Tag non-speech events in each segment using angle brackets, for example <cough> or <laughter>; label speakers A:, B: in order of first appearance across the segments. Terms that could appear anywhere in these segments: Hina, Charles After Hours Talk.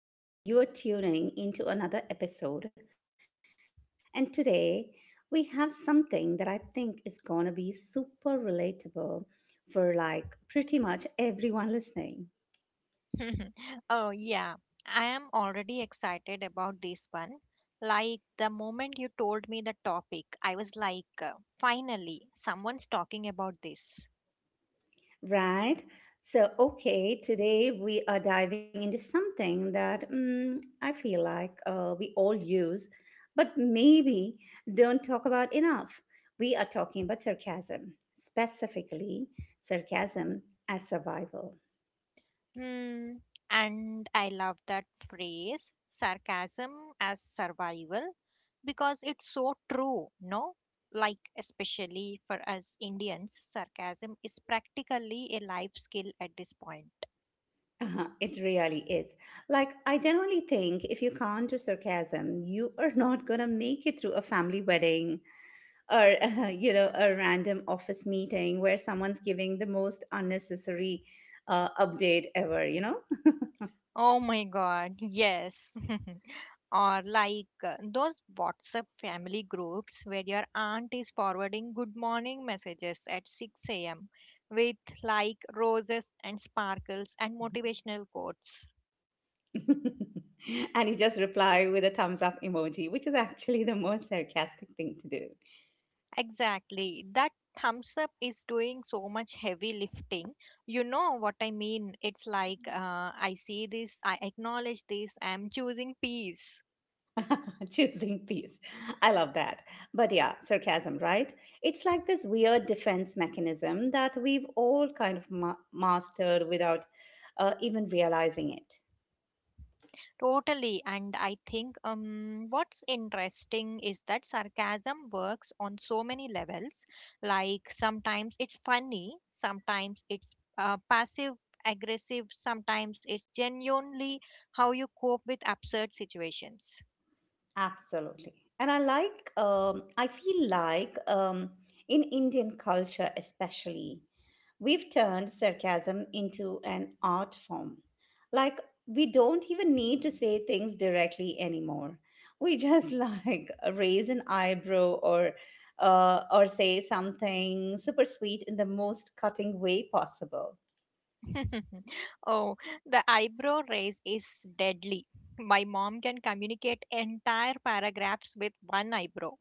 A: You are tuning into another episode, and today we have something that I think is going to be super relatable for like pretty much everyone listening.
B: <laughs> Oh, yeah. I am already excited about this one. Like, the moment you told me the topic, I was like, finally, someone's talking about this.
A: Right. So, okay, today we are diving into something that I feel like we all use, but maybe don't talk about enough. We are talking about sarcasm, specifically sarcasm as survival.
B: Hmm. And I love that phrase, sarcasm as survival, because it's so true, no? Like, especially for us Indians, sarcasm is practically a life skill at this point.
A: Uh-huh, it really is. Like, I generally think if you can't do sarcasm, you are not going to make it through a family wedding or <laughs> a random office meeting where someone's giving the most unnecessary update ever.
B: Oh my god, yes. <laughs> Or like those WhatsApp family groups where your aunt is forwarding good morning messages at 6 a.m. with like roses and sparkles and motivational quotes.
A: <laughs> And you just reply with a thumbs up emoji, which is actually the most sarcastic thing to do.
B: Exactly. That thumbs up is doing so much heavy lifting. You know what I mean? It's like I see this, I acknowledge this, I'm choosing peace.
A: <laughs> Choosing peace, I love that. But yeah, sarcasm, right? It's like this weird defense mechanism that we've all kind of mastered without even realizing it.
B: Totally. And I think what's interesting is that sarcasm works on so many levels. Like sometimes it's funny, sometimes it's passive aggressive, sometimes it's genuinely how you cope with absurd situations.
A: Absolutely. And I feel like in Indian culture, especially, we've turned sarcasm into an art form. Like, we don't even need to say things directly anymore. We just <laughs> like raise an eyebrow or or say something super sweet in the most cutting way possible.
B: <laughs> Oh, the eyebrow raise is deadly. My mom can communicate entire paragraphs with one eyebrow.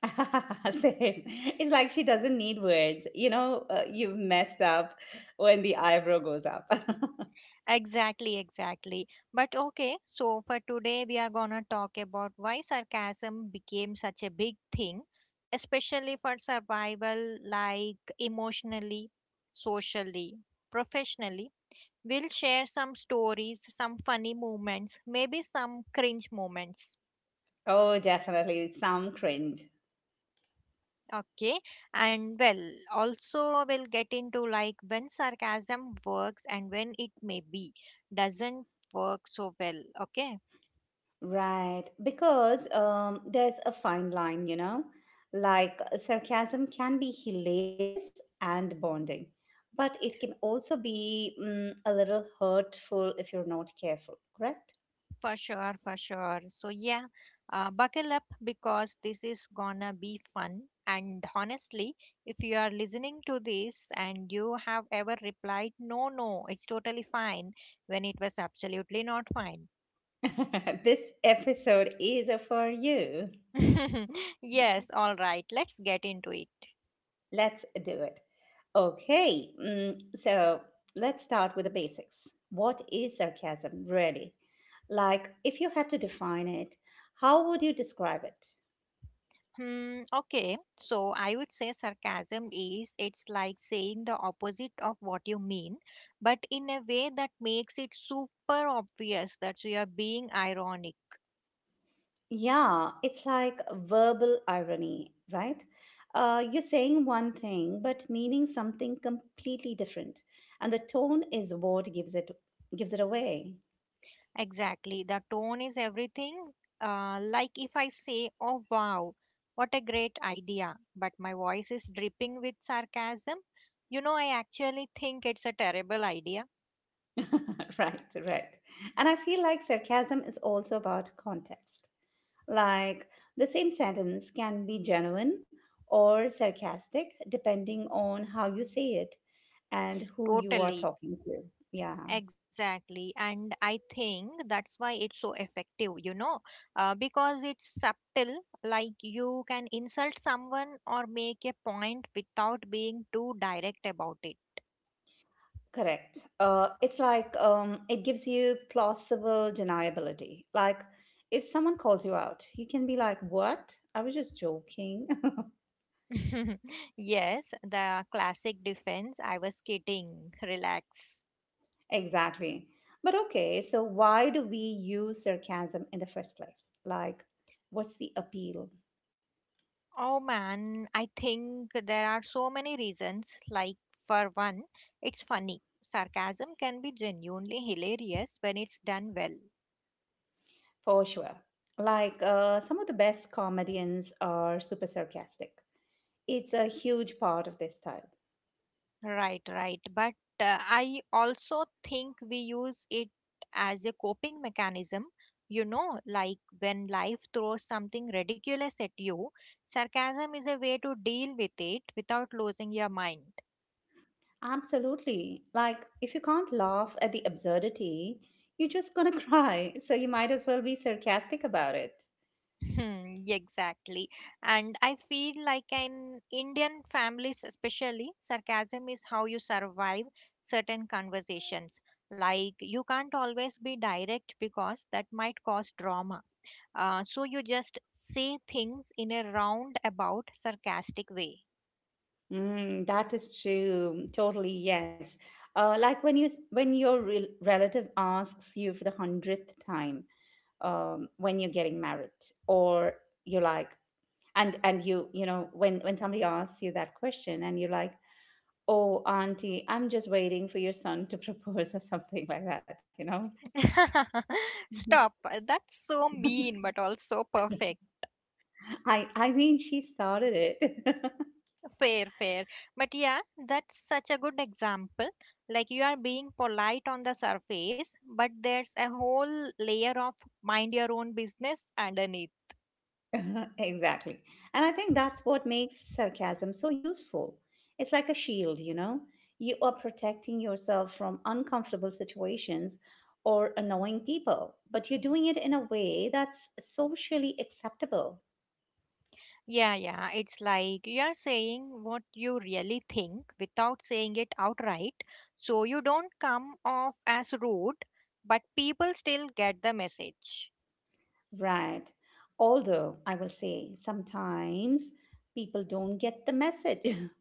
A: <laughs> Same. It's like she doesn't need words. You've messed up when the eyebrow goes up. <laughs>
B: Exactly, exactly. But okay, so for today we are gonna talk about why sarcasm became such a big thing, especially for survival, like emotionally, socially, professionally. We'll share some stories, some funny moments, maybe some cringe moments.
A: Oh, definitely. Some cringe.
B: Okay, and well, also we'll get into like when sarcasm works and when it maybe doesn't work so well. Okay,
A: Right. Because there's a fine line, you know? Like sarcasm can be hilarious and bonding, but it can also be a little hurtful if you're not careful, correct?
B: for sure, for sure. So, yeah, buckle up because this is gonna be fun. And honestly, if you are listening to this and you have ever replied, no, no, it's totally fine, when it was absolutely not fine.
A: <laughs> This episode is for you.
B: <laughs> Yes, all right, let's get into it.
A: Let's do it. Okay, so let's start with the basics. What is sarcasm, really? Like, if you had to define it, how would you describe it?
B: Hmm, okay, so I would say sarcasm is it's like saying the opposite of what you mean, but in a way that makes it super obvious that you are being ironic.
A: Yeah, it's like verbal irony, right? You're saying one thing but meaning something completely different, and the tone is what gives it away.
B: Exactly. The tone is everything. Like if I say, oh, wow, what a great idea, but my voice is dripping with sarcasm, you know, I actually think it's a terrible idea.
A: <laughs> Right, right. And I feel like sarcasm is also about context. Like, the same sentence can be genuine or sarcastic depending on how you say it and who you are
B: Totally.
A: talking to. Yeah,
B: Exactly. And I think that's why it's so effective, you know, because it's subtle, like you can insult someone or make a point without being too direct about it.
A: correct. It's like it gives you plausible deniability. Like, if someone calls you out, you can be like, "What? I was just joking."
B: <laughs> Yes, the classic defense. I was kidding. Relax.
A: Exactly. But okay, so why do we use sarcasm in the first place? Like, what's the appeal?
B: Oh man, I think there are so many reasons. Like, for one, it's funny. Sarcasm can be genuinely hilarious when it's done well.
A: For sure. Like, some of the best comedians are super sarcastic. It's a huge part of their style.
B: Right, right. But I also think we use it as a coping mechanism. You know, like when life throws something ridiculous at you, sarcasm is a way to deal with it without losing your mind.
A: Absolutely. Like, if you can't laugh at the absurdity, you're just gonna <laughs> cry. So you might as well be sarcastic about it.
B: Hmm, exactly. And I feel like in Indian families, especially, sarcasm is how you survive certain conversations. Like, you can't always be direct because that might cause drama. So, you just say things in a roundabout, sarcastic way.
A: That is true. Totally, yes. Like, when your relative asks you for the hundredth time, when you're getting married, or you're like, and you know when somebody asks you that question and you're like, oh, auntie, I'm just waiting for your son to <laughs> propose or something like that, you know?
B: <laughs> Stop. That's so mean, but also perfect.
A: I mean, she started it. <laughs>
B: Fair, fair. But yeah, that's such a good example. Like you are being polite on the surface, but there's a whole layer of mind your own business underneath.
A: <laughs> Exactly. And I think that's what makes sarcasm so useful. It's like a shield, you know? You are protecting yourself from uncomfortable situations or annoying people, but you're doing it in a way that's socially acceptable.
B: Yeah, yeah. It's like you are saying what you really think without saying it outright. So you don't come off as rude, but people still get the message.
A: Right. Although I will say sometimes people don't get the message. <laughs>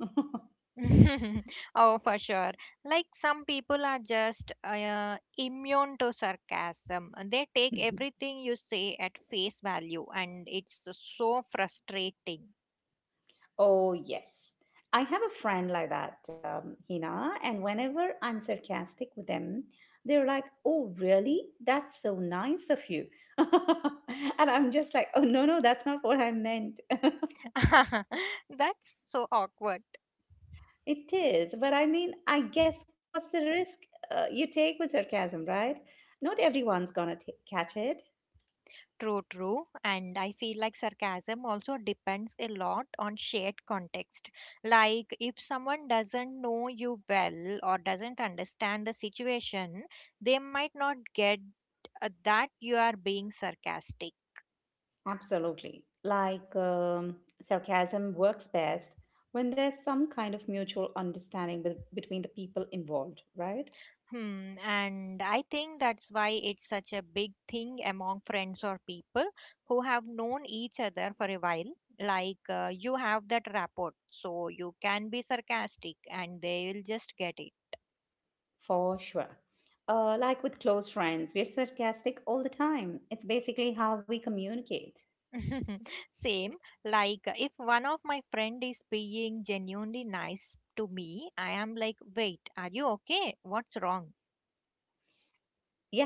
B: <laughs> Oh, for sure. Like some people are just immune to sarcasm. They take everything you say at face value, and it's so frustrating.
A: Oh, yes. I have a friend like that, Hina, and whenever I'm sarcastic with them, they're like, "Oh, really? That's so nice of you." <laughs> And I'm just like, "Oh, no, no, that's not what I meant."
B: <laughs> That's so awkward.
A: <laughs> It is, but I mean, I guess what's the risk you take with sarcasm, right? Not everyone's gonna t catch it.
B: True, true. And I feel like sarcasm also depends a lot on shared context. Like, if someone doesn't know you well or doesn't understand the situation, they might not get that you are being sarcastic.
A: Absolutely. Like sarcasm works best when there's some kind of mutual understanding between the people involved, right?
B: Hmm, and I think that's why it's such a big thing among friends or people who have known each other for a while. Like you have that rapport, so you can be sarcastic and they will just get it.
A: For sure. Like, with close friends, we're sarcastic all the time. It's basically how we communicate.
B: <laughs> Same, like if one of my friend is being genuinely nice to me, I am like, wait, are you okay? What's wrong?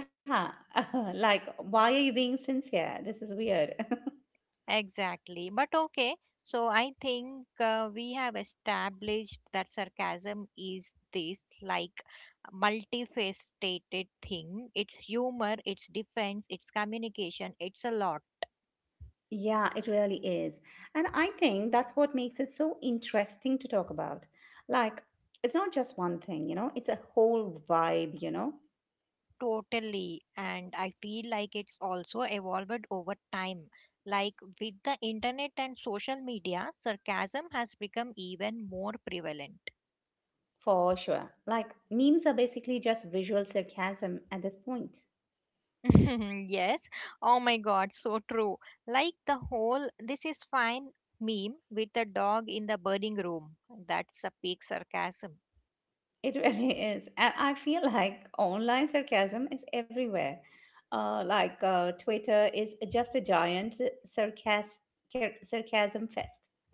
A: Yeah, <laughs> like, why are you being sincere? This is weird. <laughs>
B: Exactly. But okay, so I think we have established that sarcasm is this like multifaceted thing. It's humor, it's defense, it's communication, it's a lot.
A: Yeah, it really is. And I think that's what makes it so interesting to talk about. Like, it's not just one thing, it's a whole vibe, you know?
B: Totally. And I feel like it's also evolved over time. Like with the internet and social media, sarcasm has become even more prevalent.
A: For sure. Like, memes are basically just visual sarcasm at this point.
B: <laughs> Yes. Oh my god, so true. Like the whole this is fine meme with the dog in the burning room. That's a peak sarcasm.
A: It really <laughs> is. And I feel like online sarcasm is everywhere. Like, Twitter is just a giant sarcas- sarcasm fest. <laughs>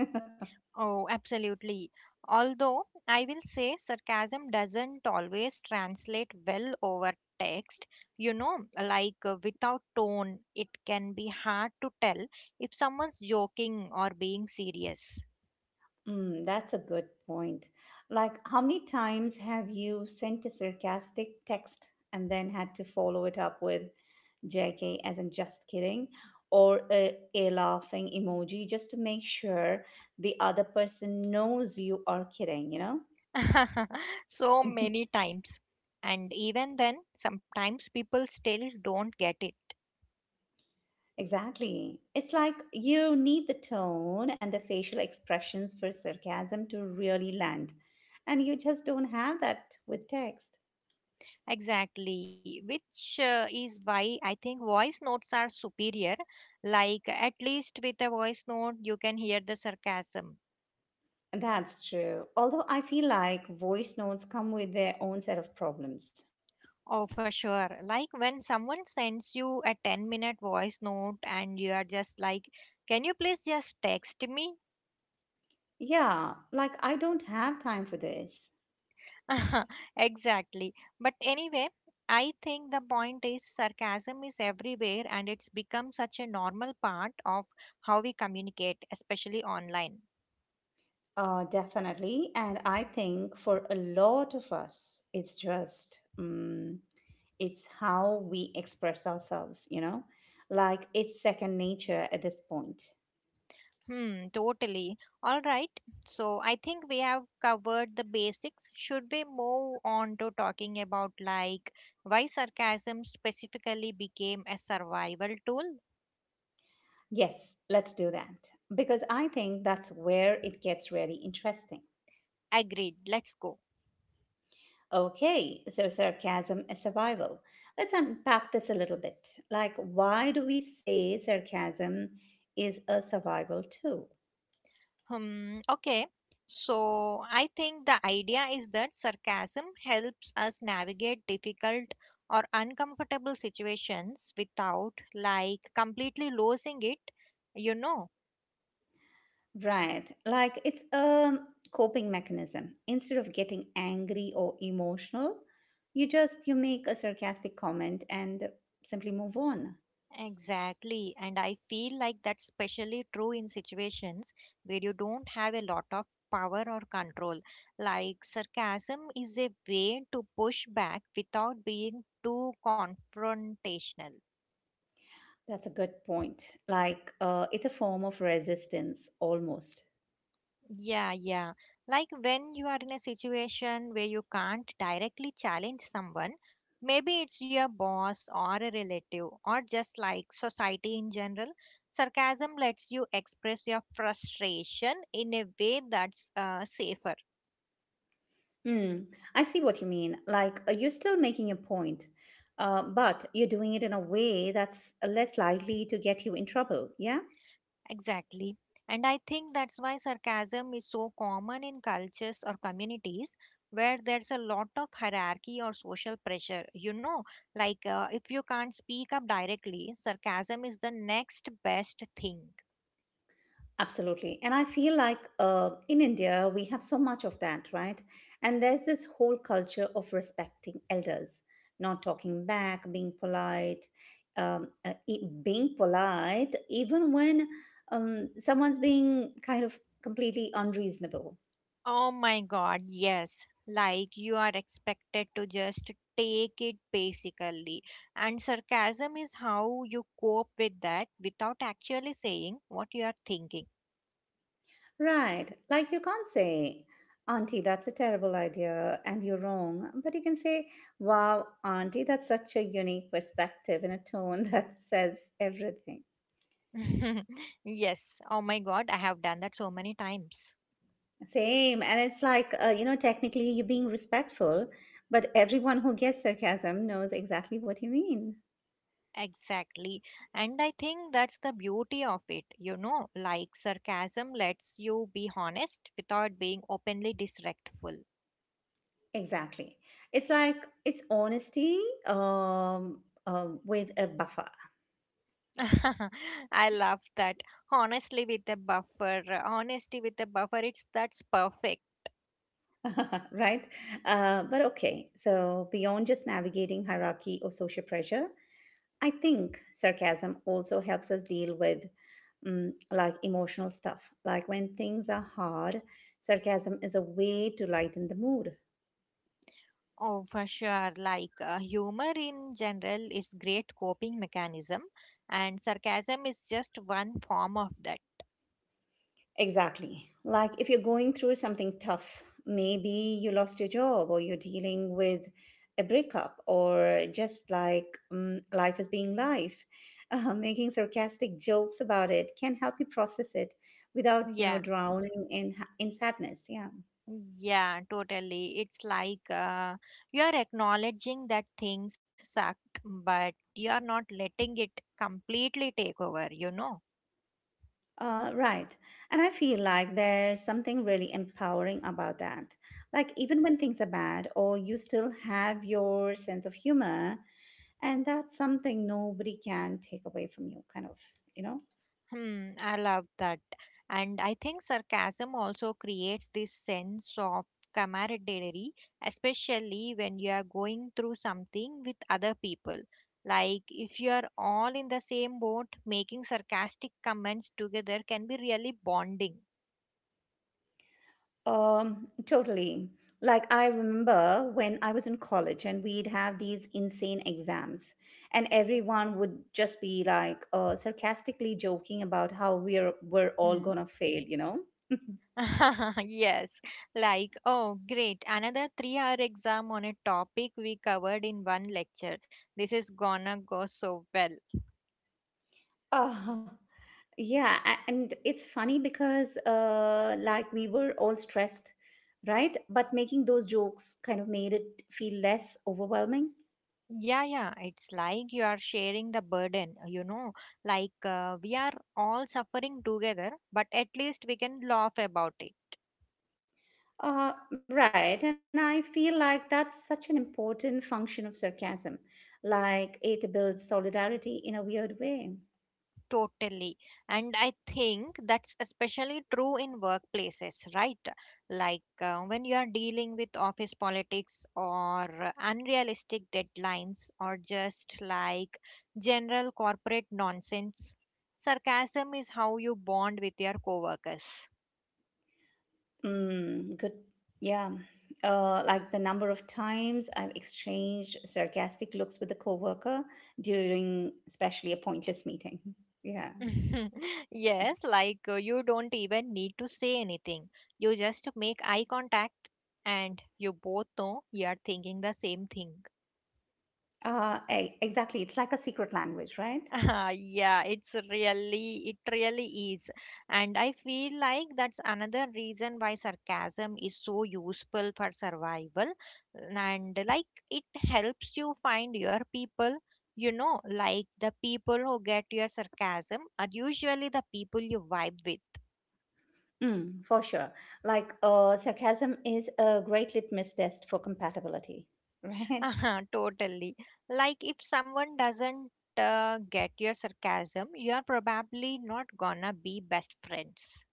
B: Oh, absolutely. Although I will say sarcasm doesn't always translate well over text. You know, like without tone, it can be hard to tell if someone's joking or being serious.
A: That's a good point. Like, how many times have you sent a sarcastic text and then had to follow it up with JK, as in just kidding, or a laughing emoji just to make sure the other person knows you are kidding, you know?
B: <laughs> So many
A: <laughs>
B: times. And even then, sometimes people still don't get it.
A: Exactly. It's like you need the tone and the facial expressions for sarcasm to really land. And you just don't have that with text.
B: Exactly, which is why I think voice notes are superior. Like, at least with a voice note, you can hear the sarcasm.
A: That's true. Although I feel like voice notes come with their own set of problems.
B: Oh, for sure. Like, when someone sends you a 10-minute minute voice note and you are just like, can you please just text me?
A: Yeah, like I don't have time for this.
B: <laughs> Exactly. But anyway, I think the point is sarcasm is everywhere and it's become such a normal part of how we communicate, especially online.
A: Definitely. And I think for a lot of us, it's how we express ourselves, you know? Like, it's second nature at this point.
B: Hmm, totally. All right. So I think we have covered the basics. Should we move on to talking about like why sarcasm specifically became a survival tool?
A: Yes, let's do that. Because I think that's where it gets really interesting.
B: Agreed. Let's go.
A: Okay, so sarcasm is survival. Let's unpack this a little bit. Like, why do we say sarcasm is a survival tool?
B: Hmm, okay. So I think the idea is that sarcasm helps us navigate difficult or uncomfortable situations without like completely losing it, you know.
A: Right. Like, it's a coping mechanism. Instead of getting angry or emotional, you make a sarcastic comment and simply move on.
B: Exactly. And I feel like that's especially true in situations where you don't have a lot of power or control. Like sarcasm is a way to push back without being too confrontational.
A: That's a good point. Like, it's a form of resistance almost.
B: Yeah, yeah. Like when you are in a situation where you can't directly challenge someone, maybe it's your boss or a relative, or just like society in general, sarcasm lets you express your frustration in a way that's safer.
A: Mm, I see what you mean. Like, you're still making a point, but you're doing it in a way that's less likely to get you in trouble. Yeah.
B: Exactly. And I think that's why sarcasm is so common in cultures or communities where there's a lot of hierarchy or social pressure. You know, like if you can't speak up directly, sarcasm is the next best thing.
A: Absolutely. And I feel like in India, we have so much of that, right? And there's this whole culture of respecting elders, not talking back, being polite, even when someone's being kind of completely unreasonable.
B: Oh my God, yes. Like you are expected to just take it basically. And sarcasm is how you cope with that without actually saying what you are thinking.
A: Right. Like, you can't say, "Auntie, that's a terrible idea and you're wrong." But you can say, "Wow, Auntie, that's such a unique perspective," and a tone <laughs> that says everything.
B: <laughs> Yes. Oh my God, I have done that so many times.
A: Same. And it's like, technically you're being respectful, but everyone who gets sarcasm knows exactly what you mean.
B: Exactly. And I think that's the beauty of it. You know, like sarcasm lets you be honest without being openly disrespectful.
A: Exactly. It's like, it's honesty um, with a buffer,
B: <laughs> I love that. Honestly, with a buffer. Honesty with a buffer, it's that's perfect.
A: <laughs> right? But okay. So, beyond just navigating hierarchy or social pressure, I think sarcasm also helps us deal with like emotional stuff. Like, when things are hard, sarcasm is a way to lighten the mood.
B: Oh, for sure. Like humor in general is great coping mechanism, and sarcasm is just one form of that.
A: Exactly. Like, if you're going through something tough, maybe you lost your job or you're dealing with a breakup or just like life is being life. <laughs> Making sarcastic jokes about it can help you process it without,
B: Yeah.
A: drowning in sadness. Yeah.
B: Yeah, totally. It's like you are acknowledging that things sucked, but you are not letting it completely take over, you know?
A: Right. And I feel like there's something really empowering about that. Like, even when things are bad, or you still have your sense of humor, and that's something nobody can take away from you kind of you know
B: Hmm, I love that. And I think sarcasm also creates this sense of camaraderie, especially when you are going through something with other people. Like, if you are all in the same boat, making sarcastic comments together can be really bonding.
A: Totally. Like, I remember when I was in college and we'd have these insane exams, and everyone would just be like, sarcastically joking about how we're all
B: Hmm.
A: gonna fail.
B: <laughs> Yes, like, oh, great, another 3-hour exam on a topic we covered in one lecture. This is gonna go so well.
A: <laughs> uh, yeah, and it's funny because like we were all stressed, right? But making those jokes kind of made it feel less overwhelming.
B: Yeah, yeah, it's like you are sharing the burden, you know, like we are all suffering together, but at least we can laugh about it.
A: Right. And I feel like that's such an important function of sarcasm. Like, it builds solidarity in a weird way.
B: Totally. And I think that's especially true in workplaces, right? Like when you are dealing with office politics or unrealistic deadlines or just like general corporate nonsense, sarcasm is how you bond with your coworkers.
A: Good. Yeah. Like, the number of times I've exchanged sarcastic looks with a coworker during especially a pointless meeting. Yeah.
B: <laughs> Yes, like you don't even need to say anything. You just make eye contact and you both know you are thinking the same thing.
A: Exactly. It's like a secret language, right?
B: <laughs> Yeah, it really is. And I feel like that's another reason why sarcasm is so useful for survival. And like it helps you find your people, you know, like the people who get your sarcasm are usually the people you vibe with. <laughs>
A: For sure. Like, sarcasm is a great litmus test for compatibility, <laughs> right?
B: Uh-huh, totally. Like if someone doesn't get your sarcasm, you're probably not gonna be best friends.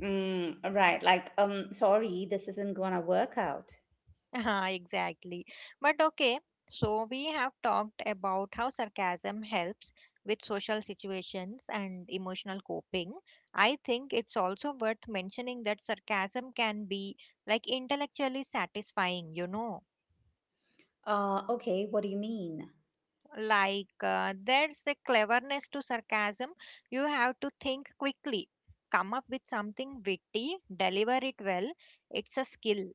A: Right. Like, sorry, this isn't gonna work out.
B: <laughs> Ah, exactly. But okay, so we have talked about how sarcasm helps with social situations and emotional coping. I think it's also worth mentioning that sarcasm can be like intellectually satisfying, you know.
A: Okay, what do you mean?
B: Like there's a cleverness to sarcasm. You have to think quickly, come up with something witty, deliver it well. It's a skill.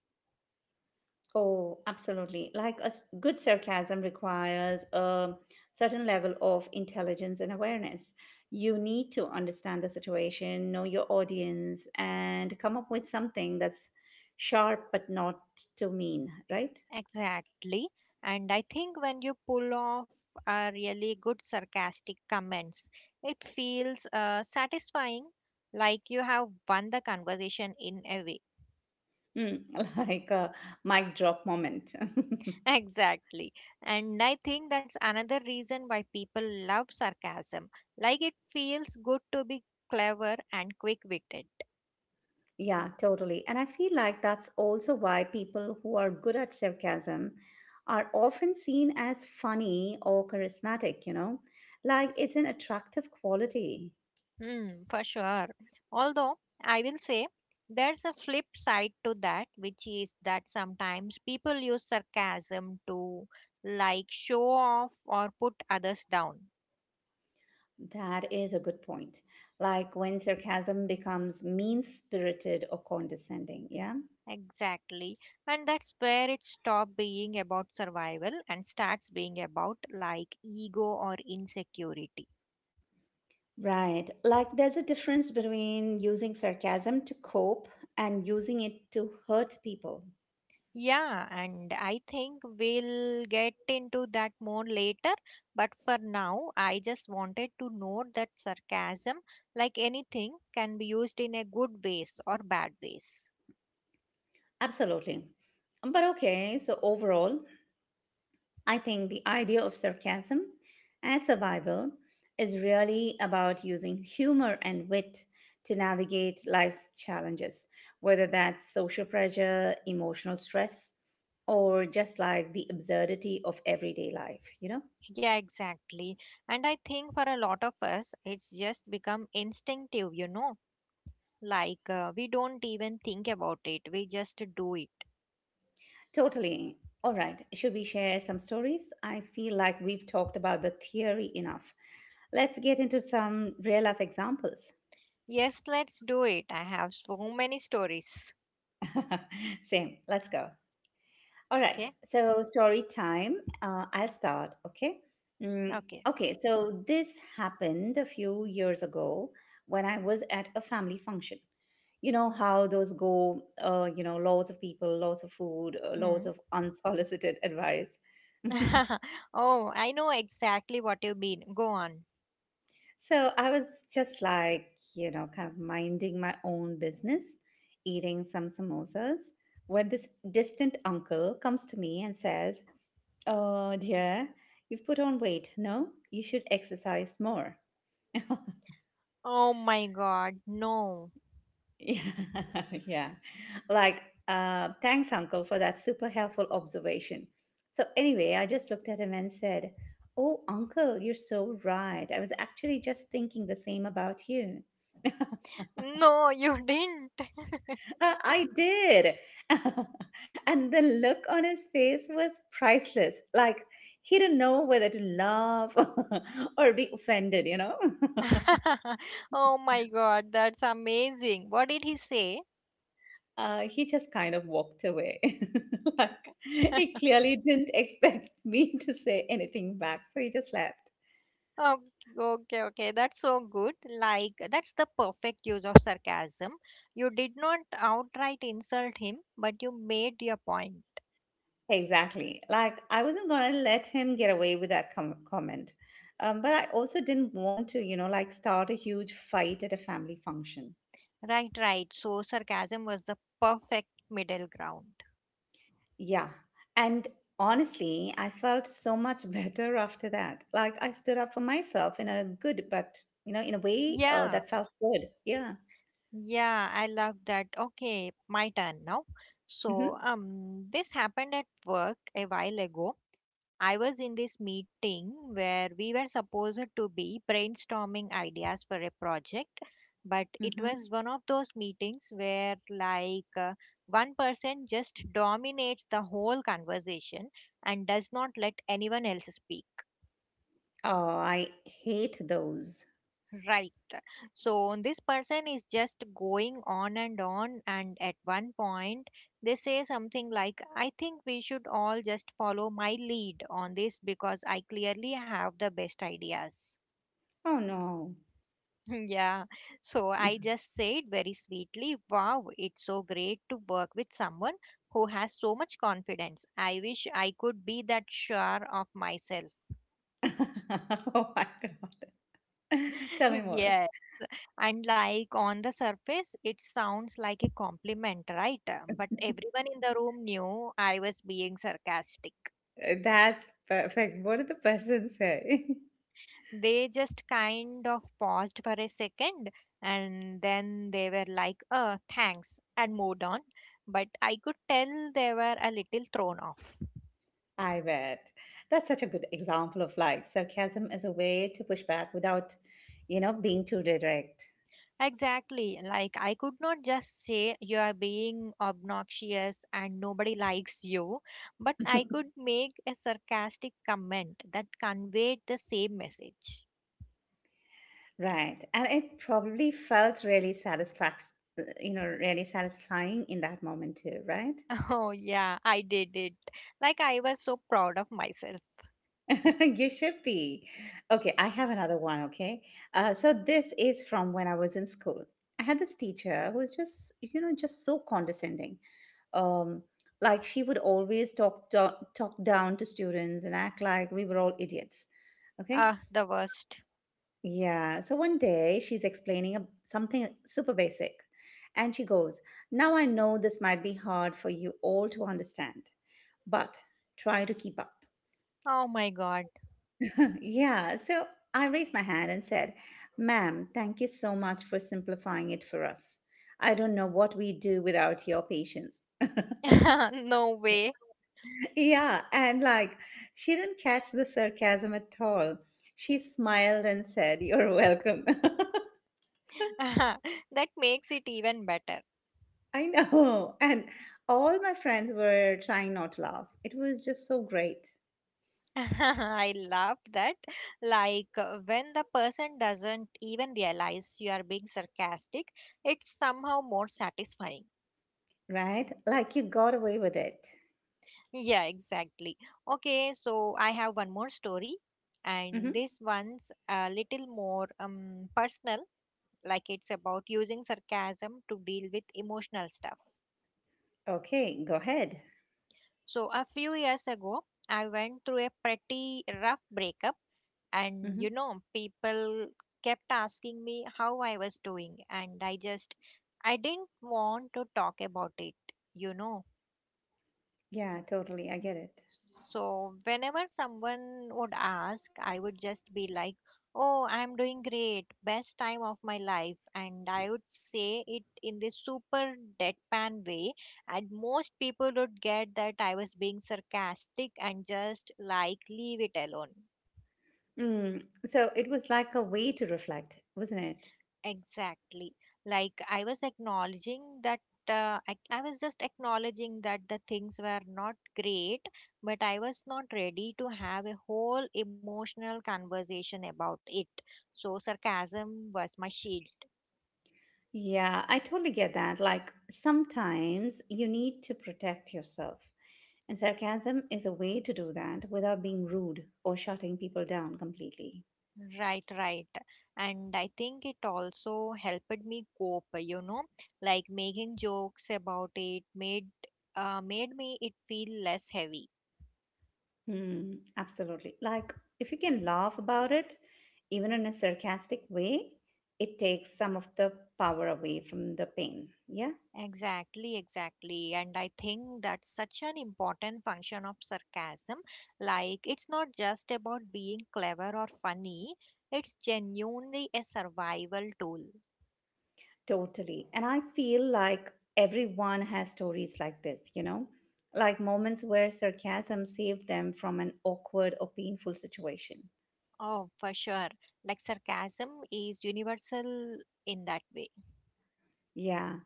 A: Oh, absolutely. Like, good sarcasm requires a certain level of intelligence and awareness. You need to understand the situation, know your audience, and come up with something that's sharp but not too mean, right?
B: Exactly. And I think when you pull off a really good sarcastic comments, it feels satisfying, like you have won the conversation in a way.
A: Mm, <laughs> like a mic drop moment. <laughs>
B: <laughs> Exactly. And I think that's another reason why people love sarcasm. Like it feels good to be clever and quick witted.
A: Yeah, totally. And I feel like that's also why people who are good at sarcasm are often seen as funny or charismatic, you know? Like, it's an attractive quality.
B: Hmm, for sure. Although I will say there's a flip side to that, which is that sometimes people use sarcasm to like show off or put others down.
A: That is a good point. Like, when sarcasm becomes mean-spirited or condescending, yeah?
B: Exactly. And that's where it stops being about survival and starts being about like ego or insecurity.
A: Right. Like, there's a difference between using sarcasm to cope and using it to hurt people.
B: Yeah, and I think we'll get into that more later. But for now, I just wanted to note that sarcasm, like anything, can be used in a good ways or bad ways.
A: Absolutely. But okay, so overall, I think the idea of sarcasm as survival is really about using humor and wit to navigate life's challenges, whether that's social pressure, emotional stress, or just like the absurdity of everyday life, you know?
B: Yeah, exactly. And I think for a lot of us, it's just become instinctive, you know, like we don't even think about it, we just do it.
A: Totally. All right, should we share some stories? I feel like we've talked about the theory enough. Let's get into some real life examples.
B: Yes, let's do it. I have so many stories.
A: <laughs> Same, let's go. All right,
B: Okay,
A: so story time. I'll start, okay? Mm,
B: okay.
A: okay, so this happened a few years ago when I was at a family function. You know how those go, loads of people, loads of food, loads
B: Hmm.
A: of unsolicited advice. <laughs>
B: <laughs> Oh, I know exactly what you mean. Go on.
A: So I was just like, you know, kind of minding my own business, eating some samosas, when this distant uncle comes to me and says, "Oh dear, you've put on weight. No, you should exercise more." <laughs>
B: Oh my god, no.
A: Yeah, <laughs> yeah. Like, thanks, uncle, for that super helpful observation. So, anyway, I just looked at him and said, "Oh, uncle, you're so right. I was actually just thinking the same about you." <laughs>
B: No, you didn't.
A: I did. <laughs> And the look on his face was priceless. Like, he didn't know whether to laugh <laughs> or be offended, you know?
B: <laughs> Oh my god, that's amazing. What did he say?
A: He just kind of walked away. <laughs> Like, he
B: <laughs>
A: clearly didn't <laughs> expect me to say anything back, so he just left.
B: Okay, okay, okay. That's so good. Like, that's the perfect use of sarcasm. You did not outright insult him, but you made your point.
A: Exactly. Like, I wasn't gonna let him get away with that comment. But I also didn't want to, like start a huge fight at a family function.
B: Right, right. So, sarcasm was the perfect middle ground.
A: Yeah. And honestly, I felt so much <laughs> better after that. Like, I stood up for myself in a good, but, you know, in a way,
B: Yeah.
A: that felt good. Yeah.
B: Yeah, I love that. Okay, my turn now. So,
A: Mm-hmm.
B: this happened at work a while ago. I was in this meeting where we were supposed to be brainstorming ideas for a project, but it
A: Mm-hmm.
B: was one of those meetings where, one person just dominates the whole conversation and does not let anyone else speak.
A: Oh, I hate those.
B: Right. So this person is just going on, and at one point they say something like, I think we should all just follow my lead on this because I clearly have the best ideas.
A: Oh no.
B: <laughs> Yeah, so I just said very sweetly, wow, it's so great to work with someone who has so much confidence. I wish I could be that sure of myself.
A: <laughs> Oh my God. <laughs> Tell me
B: <laughs>
A: more.
B: Yeah. And like on the surface, it sounds like a compliment, right? But everyone in the room knew I was being sarcastic.
A: That's perfect. What did the person say?
B: They just kind of paused for a second and then they were like, thanks, and moved on. But I could tell they were a little thrown off.
A: <laughs> I bet. That's such a good example of like sarcasm as a way to push back without, you know, being too direct.
B: Exactly. Like, I could not just say you are being obnoxious and nobody likes you, but I could make a sarcastic comment that conveyed the same message.
A: Right. And it probably felt really you know, really satisfying in that moment too, right?
B: <laughs> Oh, yeah, I did it. Like, I was so proud of myself.
A: <laughs> You should be. Okay, I have another one. Okay. So this is from when I was in school. I had this teacher who was just, you know, just so condescending. Um, like she would always talk down to students and act like we were all idiots. Okay.
B: Ah, the worst.
A: Yeah. So one day she's explaining something super basic, and she goes, "Now I know this might be hard for you all to understand, but try to keep up."
B: Oh my god.
A: <laughs> Yeah, so I raised my hand and said, "Ma'am, thank you so much for simplifying it for us. I don't know what we would do without your patience." <laughs>
B: <laughs> No way.
A: Yeah, and like, she didn't catch the sarcasm at all. She smiled and said, "You're welcome."
B: <laughs> That makes it even better.
A: <laughs> I know. And all my friends were trying not to laugh. It was just so great,
B: <laughs> I love that. When the person doesn't even realize you are being sarcastic, it's somehow more satisfying.
A: right? Like, you got away with it.
B: Yeah, exactly. Okay, so I have one more story, and
A: Hmm.
B: this one's a little more personal, like it's about using sarcasm to deal with emotional stuff.
A: Okay, go ahead.
B: So a few years ago, I went through a pretty rough breakup, and you
A: Hmm.
B: know, people kept asking me how I was doing, and I just I didn't want to talk about it, you know.
A: Yeah, totally. I get it.
B: So, whenever someone would ask, I would just be like, oh, I'm doing great, best time of my life. And I would say it in this super deadpan way. And most people would get that I was being sarcastic and just like leave it alone.
A: Mm. So it was like a way to reflect, wasn't it?
B: Exactly. Like I was acknowledging that I was just acknowledging that the things were not great, but I was not ready to have a whole emotional conversation about it. So sarcasm was my shield.
A: Yeah, I totally get that. Like sometimes you need to protect yourself. And sarcasm is a way to do that without being rude or shutting people down completely.
B: Right, right. And I think it also helped me cope, you know, like making jokes about it made made me it feel less heavy.
A: Hmm, absolutely. Like if you can laugh about it, even in a sarcastic way, it takes some of the power away from the pain. Yeah.
B: Exactly, exactly. And I think that's such an important function of sarcasm. Like, it's not just about being clever or funny, it's genuinely a survival tool.
A: Totally. And I feel like everyone has stories like this, you know, like moments where sarcasm saved them from an awkward or painful situation.
B: Oh, for sure. Like, sarcasm is universal in that way.
A: Yeah.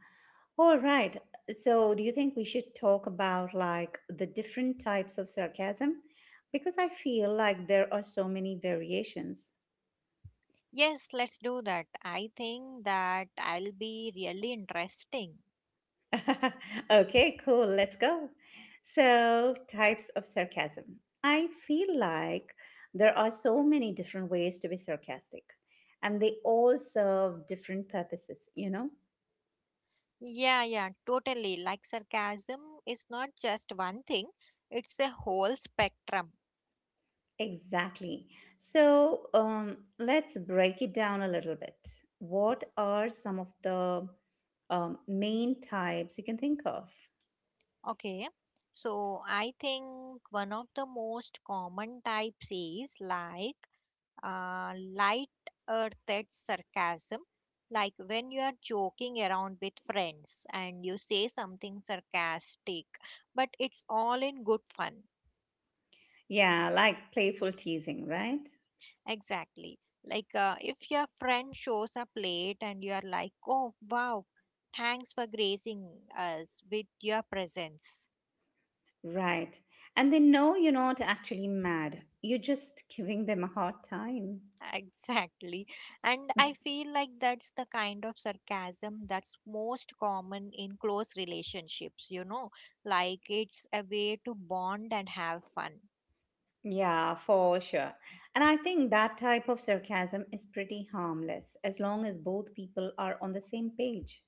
A: All right. So, do you think we should talk about like the different types of sarcasm? Because I feel like there are so many variations.
B: Yes, let's do that. I think that I'll be really interesting.
A: <laughs> Okay, cool. Let's go. So, types of sarcasm. I feel like there are so many different ways to be sarcastic, and they all serve different purposes, you know?
B: Yeah, yeah, totally. Like, sarcasm is not just one thing, it's a whole spectrum.
A: Exactly. So, let's break it down a little bit. What are some of the main types you can think of?
B: Okay, so I think one of the most common types is light earthed sarcasm, like when you are joking around with friends and you say something sarcastic, but it's all in good fun.
A: Yeah, like playful teasing, right?
B: Exactly. If your friend shows up late and you are like, oh wow, thanks for gracing us with your presence.
A: Right. And they know you're not actually mad. You're just giving them a hard time.
B: Exactly. And
A: Mm.
B: I feel like that's the kind of sarcasm that's most common in close relationships, you know, like it's a way to bond and have fun.
A: Yeah, for sure. And I think that type of sarcasm is pretty harmless as long as both people are on the same page.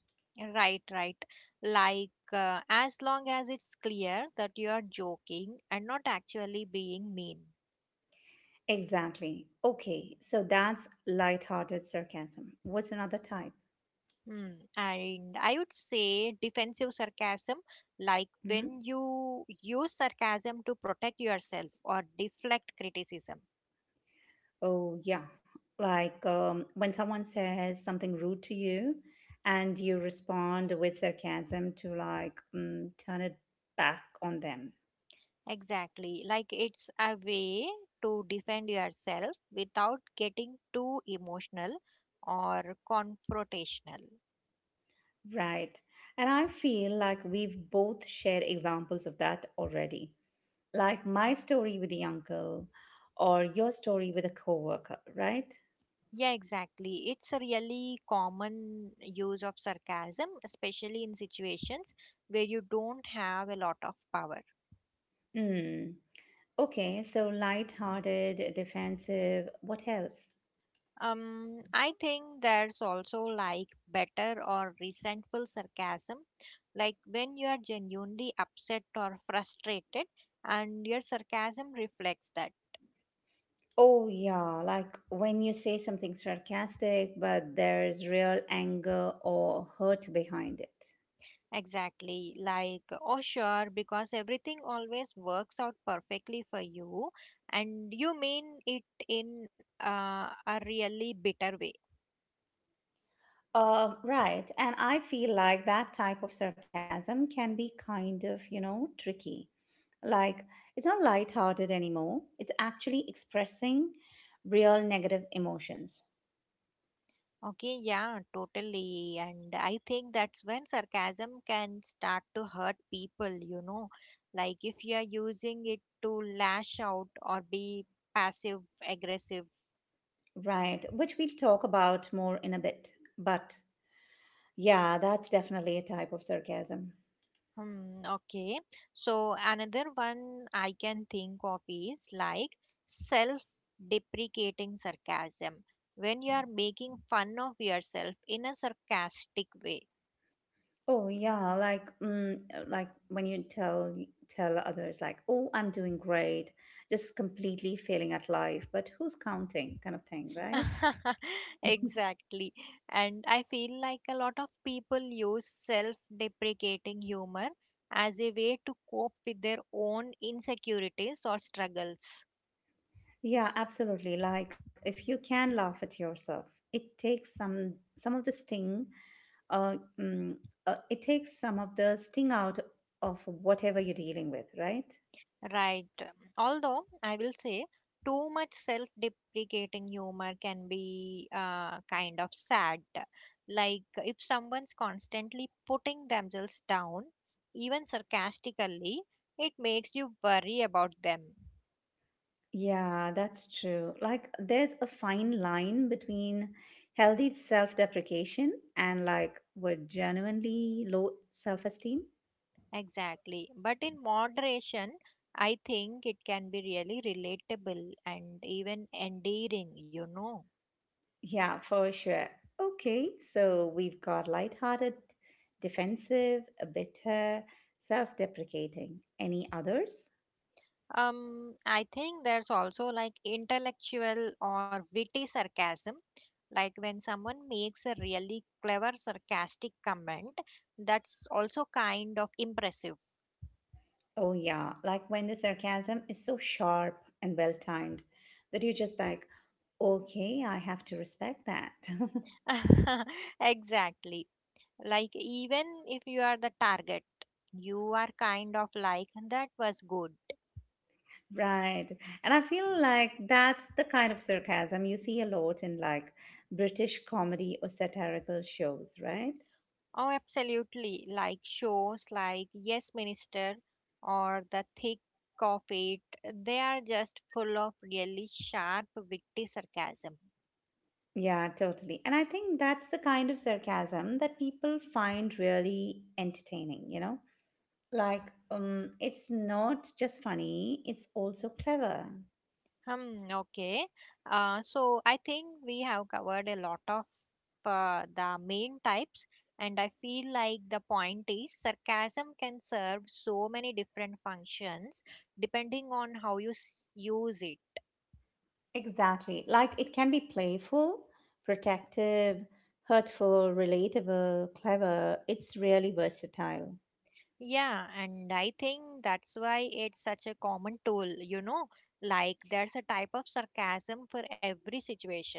B: Right, right. Like, as long as it's clear that you are joking and not actually being mean.
A: Exactly. Okay, so that's light-hearted sarcasm. What's another type?
B: Hmm. And I would say defensive sarcasm, like
A: Hmm.
B: when you use sarcasm to protect yourself or deflect criticism.
A: Oh, yeah. Like when someone says something rude to you and you respond with sarcasm to like turn it back on them.
B: Exactly. Like it's a way to defend yourself without getting too emotional or confrontational.
A: Right. And I feel like we've both shared examples of that already. Like my story with the uncle or your story with a coworker, right?
B: Yeah, exactly. It's a really common use of sarcasm, especially in situations where you don't have a lot of power.
A: Mm. Okay, so light-hearted, defensive, what else?
B: I think there's also like better or resentful sarcasm, like when you are genuinely upset or frustrated, and your sarcasm reflects that.
A: Oh, yeah, like when you say something sarcastic, but there's real anger or hurt behind it.
B: Exactly, like, oh sure, because everything always works out perfectly for you, and you mean it in a really bitter way.
A: Right, and I feel like that type of sarcasm can be kind of, you know, tricky. Like, it's not light-hearted anymore, it's actually expressing real negative emotions,
B: Okay, yeah, totally. And I think that's when sarcasm can start to hurt people, you know, like if you are using it to lash out or be passive aggressive.
A: right? Which we'll talk about more in a bit. But yeah, that's definitely a type of sarcasm.
B: Hmm, okay. So another one I can think of is like self-deprecating sarcasm when you are making fun of yourself in a sarcastic way.
A: Oh yeah, like like when you tell others like, "Oh, I'm doing great," just completely failing at life, but who's counting kind of thing, right?
B: <laughs>
A: <laughs>
B: Exactly. And I feel like a lot of people use self-deprecating humor as a way to cope with their own insecurities or struggles.
A: Yeah, absolutely. Like if you can laugh at yourself, it takes some of the sting uh, mm, it takes some of the sting out of whatever you're dealing with, right?
B: Right. Although I will say too much self deprecating humor can be kind of sad. Like if someone's constantly putting themselves down, even sarcastically, it makes you worry about them.
A: Yeah, that's true. Like, there's a fine line between healthy self deprecation and like what genuinely low self esteem.
B: Exactly. But in moderation, I think it can be really relatable and even endearing, you know.
A: Yeah, for sure. Okay, so we've got lighthearted, defensive, a bitter, self deprecating. Any others?
B: I think there's also like intellectual or witty sarcasm. Like when someone makes a really clever sarcastic comment, that's also kind of impressive.
A: Oh, yeah, like when the sarcasm is so sharp and well timed that you're just like, okay, I have to respect that. <laughs>
B: <laughs> Exactly. Like even if you are the target, you are kind of like that was good.
A: Right. And I feel like that's the kind of sarcasm you see a lot in like British comedy or satirical shows, right?
B: Oh, absolutely. Like shows like Yes Minister or The Thick of It, they are just full of really sharp, witty sarcasm.
A: Yeah, totally. And I think that's the kind of sarcasm that people find really entertaining, you know? Like, it's not just funny, it's also clever.
B: Hmm, okay. So I think we have covered a lot of the main types, and I feel like the point is sarcasm can serve so many different functions depending on how you use it.
A: Exactly. Like, it can be playful, protective, hurtful, relatable, clever. It's really versatile.
B: Yeah, and I think that's why it's such a common tool, you know, like there's a type of sarcasm for every situation.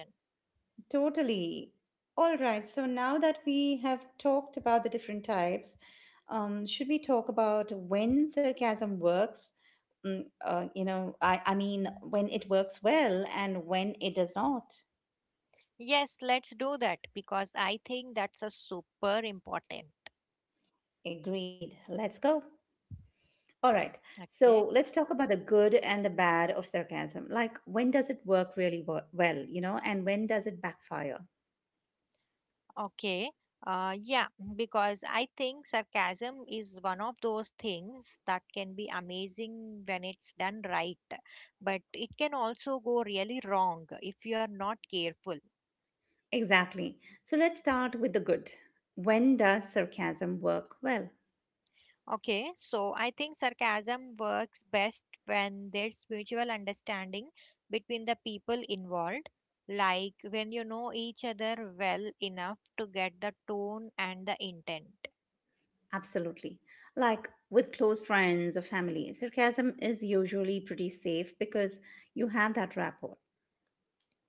A: Totally. All right. So now that we have talked about the different types, should we talk about when sarcasm works? You know, I mean, when it works well and when it does not.
B: Yes, let's do that because I think that's a super important.
A: Agreed. Let's go. All right. So
B: Okay.
A: let's talk about the good and the bad of sarcasm. Like, when does it work really well, you know, and when does it backfire?
B: Okay. Yeah, because I think sarcasm is one of those things that can be amazing when it's done right, but it can also go really wrong if you are not careful.
A: Exactly. So let's start with the good. When does sarcasm work well?
B: Okay, so I think sarcasm works best when there's mutual understanding between the people involved, like when you know each other well enough to get the tone and the intent.
A: Absolutely. Like with close friends or family, sarcasm is usually pretty safe because you have that rapport.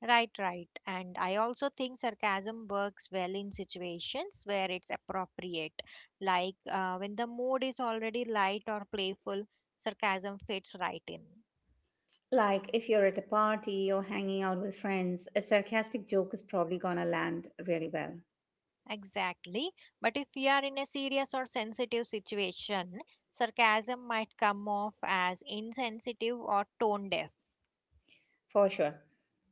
B: Right, right. And I also think sarcasm works well in situations where it's appropriate, when the mood is already light or playful, sarcasm fits right in.
A: Like if you're at a party or hanging out with friends, a sarcastic joke is probably gonna land really well,
B: Exactly. But if you are in a serious or sensitive situation, sarcasm might come off as insensitive or tone deaf.
A: for sure.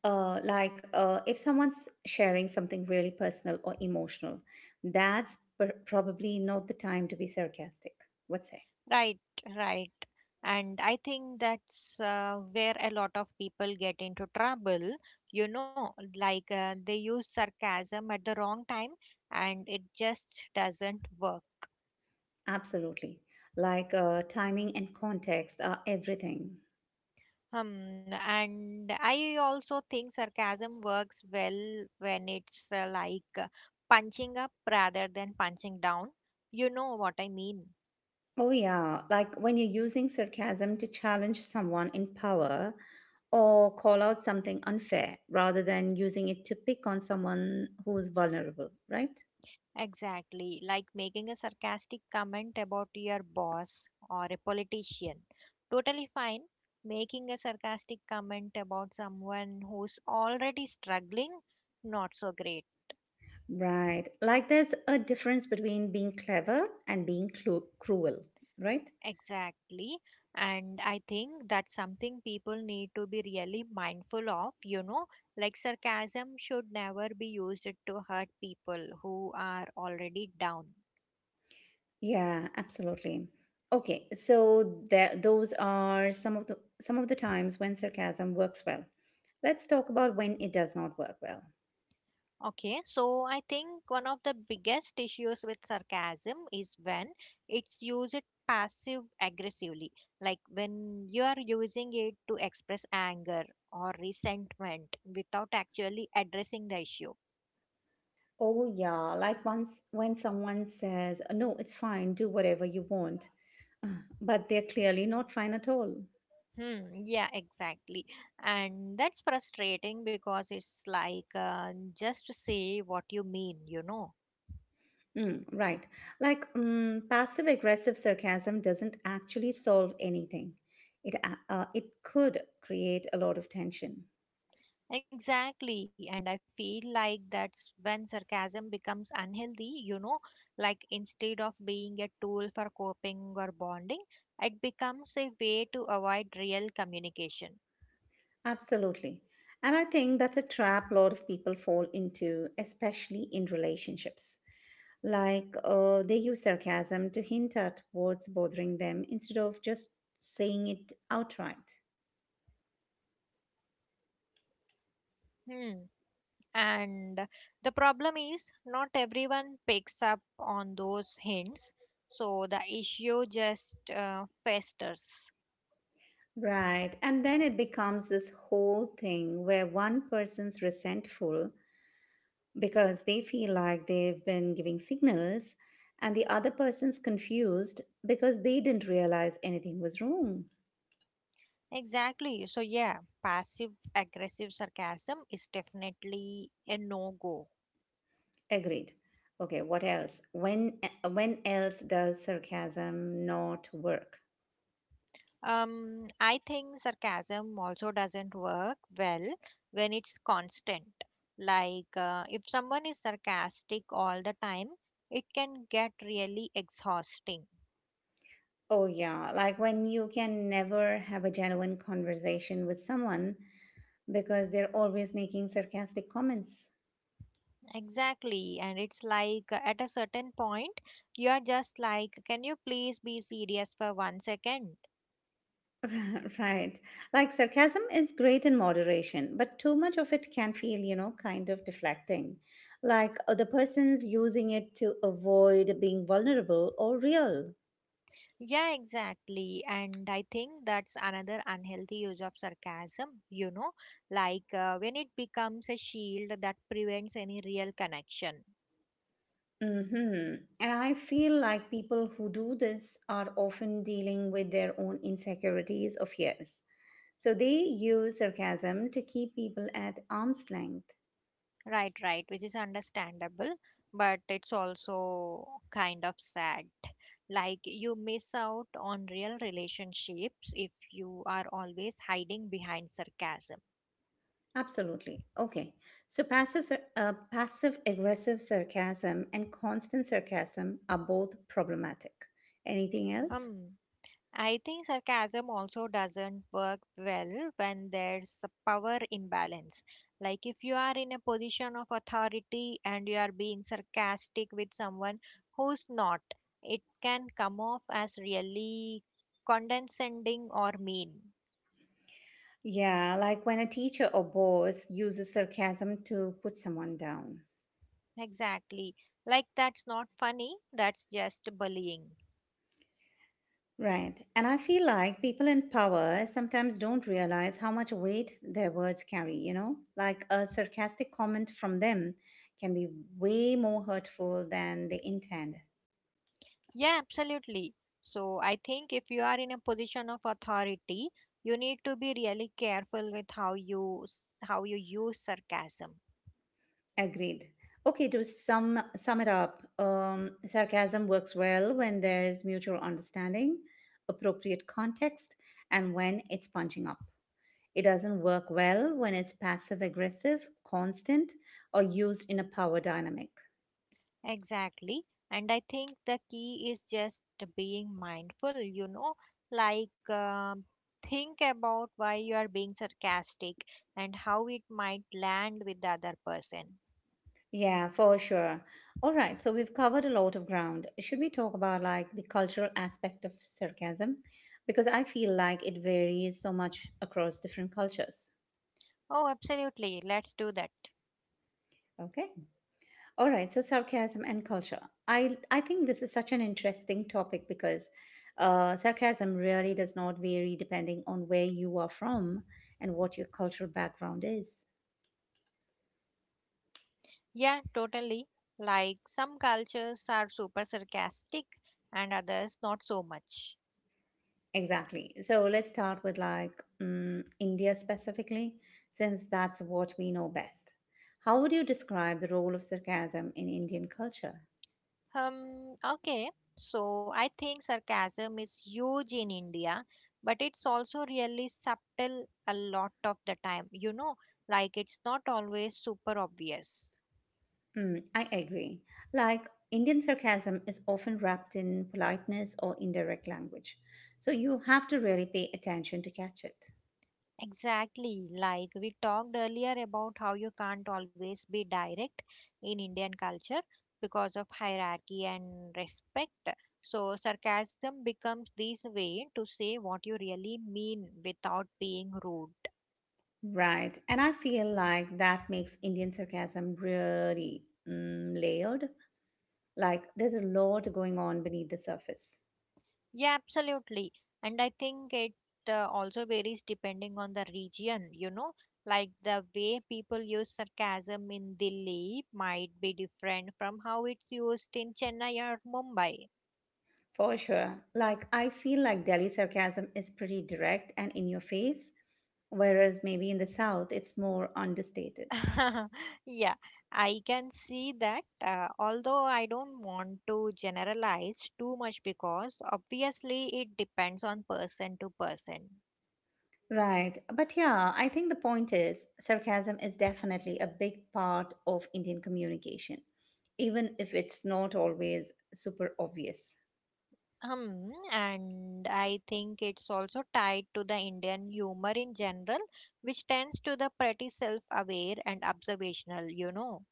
A: If someone's sharing something really personal or emotional, that's probably not the time to be sarcastic. What say?
B: Right, right. And I think that's where a lot of people get into trouble. You know, they use sarcasm at the wrong time and it just doesn't work.
A: Absolutely. Like timing and context are everything.
B: Hmm, and I also think sarcasm works well when it's punching up rather than punching down. You know what I mean?
A: Oh, yeah. Like when you're using sarcasm to challenge someone in power or call out something unfair rather than using it to pick on someone who's vulnerable, right?
B: Exactly. Like making a sarcastic comment about your boss or a politician. Totally fine. Making a sarcastic comment about someone who's already struggling, not so great.
A: Right. Like there's a difference between being clever and being cruel, right?
B: Exactly. And I think that's something people need to be really mindful of, you know, like sarcasm should never be used to hurt people who are already down.
A: Yeah, absolutely. Okay, those are some of the times when sarcasm works well. Let's talk about when it does not work well.
B: Okay, so I think one of the biggest issues with sarcasm is when it's used passive aggressively, like when you are using it to express anger or resentment without actually addressing the issue.
A: Oh, yeah. Like once when someone says, "No, it's fine, do whatever you want," <laughs> uh, but they're clearly not fine at all.
B: Hmm, yeah, exactly. And that's frustrating because it's like just say what you mean, you know.
A: Right. Like passive aggressive sarcasm doesn't actually solve anything, it could create a lot of tension.
B: Exactly. And I feel like that's when sarcasm becomes unhealthy, you know. Like instead of being a tool for coping or bonding, it becomes a way to avoid real communication.
A: Absolutely. And I think that's a trap a lot of people fall into, especially in relationships. Like they use sarcasm to hint at what's bothering them instead of just saying it outright.
B: Hmm. And the problem is, not everyone picks up on those hints, so the issue just festers.
A: Right. And then it becomes this whole thing where one person's resentful because they feel like they've been giving signals, and the other person's confused because they didn't realize anything was wrong.
B: Exactly. So, yeah, passive aggressive sarcasm is definitely a no go.
A: Agreed. Okay, what else? When else does sarcasm not work?
B: I think sarcasm also doesn't work well when it's constant. Like, if someone is sarcastic all the time, it can get really exhausting.
A: Oh yeah, like when you can never have a genuine conversation with someone because they're always making sarcastic comments.
B: Exactly, and it's like at a certain point, you are just like, can you please be serious for one second?
A: <laughs> Right. Like sarcasm is great in moderation, but too much of it can feel, you know, kind of deflecting. Like the person's using it to avoid being vulnerable or real.
B: Yeah, exactly. And I think that's another unhealthy use of sarcasm, you know, when it becomes a shield that prevents any real connection.
A: Mm-hmm. And I feel like people who do this are often dealing with their own insecurities of years. So they use sarcasm to keep people at arm's length.
B: Right, right, which is understandable, but it's also kind of sad. Like you miss out on real relationships if you are always hiding behind sarcasm.
A: Absolutely. Okay. So passive aggressive sarcasm and constant sarcasm are both problematic. Anything else?
B: Hmm. I think sarcasm also doesn't work well when there's a power imbalance. Like if you are in a position of authority and you are being sarcastic with someone who's not, it can come off as really condescending or mean.
A: Yeah, like when a teacher or boss uses sarcasm to put someone down.
B: Exactly. Like that's not funny, that's just bullying.
A: Right. And I feel like people in power sometimes don't realize how much weight their words carry, you know? Like a sarcastic comment from them can be way more hurtful than they intend.
B: Yeah, absolutely. So I think if you are in a position of authority, you need to be really careful with how you use sarcasm.
A: Agreed. Okay, to sum it up, sarcasm works well when there's mutual understanding, appropriate context, and when it's punching up. It doesn't work well when it's passive aggressive, constant, or used in a power dynamic.
B: Exactly. And I think the key is just being mindful, you know, like um, think about why you are being sarcastic and how it might land with the other person.
A: Yeah, for sure. All right, so we've covered a lot of ground. Should we talk about like the cultural aspect of sarcasm? Because I feel like it varies so much across different cultures.
B: Oh, absolutely. Let's do that.
A: Okay. All right, so sarcasm and culture. I think this is such an interesting topic because sarcasm really does not vary depending on where you are from and what your cultural background is.
B: Yeah, totally. Like some cultures are super sarcastic and others not so much.
A: Exactly. So let's start with like India specifically, since that's what we know best. How would you describe the role of sarcasm in Indian culture?
B: Um, okay, so I think sarcasm is huge in India, but it's also really subtle a lot of the time, you know, like it's not always super obvious.
A: Mm, I agree. Like, Indian sarcasm is often wrapped in politeness or indirect language. So you have to really pay attention to catch it.
B: Exactly. Like we talked earlier about how you can't always be direct in Indian culture because of hierarchy and respect. So, sarcasm becomes this way to say what you really mean without being rude.
A: Right. And I feel like that makes Indian sarcasm really layered. Like, there's a lot going on beneath the surface.
B: Yeah, absolutely. And I think it also varies depending on the region, you know, like the way people use sarcasm in Delhi might be different from how it's used in Chennai or Mumbai.
A: For sure. Like, I feel like Delhi sarcasm is pretty direct and in your face, whereas maybe in the South it's more understated.
B: <laughs> Yeah, I can see that. Although I don't want to generalize too much because obviously it depends on person to person.
A: Right. But yeah, I think the point is sarcasm is definitely a big part of Indian communication, even if it's not always super obvious.
B: Hmm. And I think it's also tied to the Indian humor in general, which tends to the pretty self-aware and observational, you know.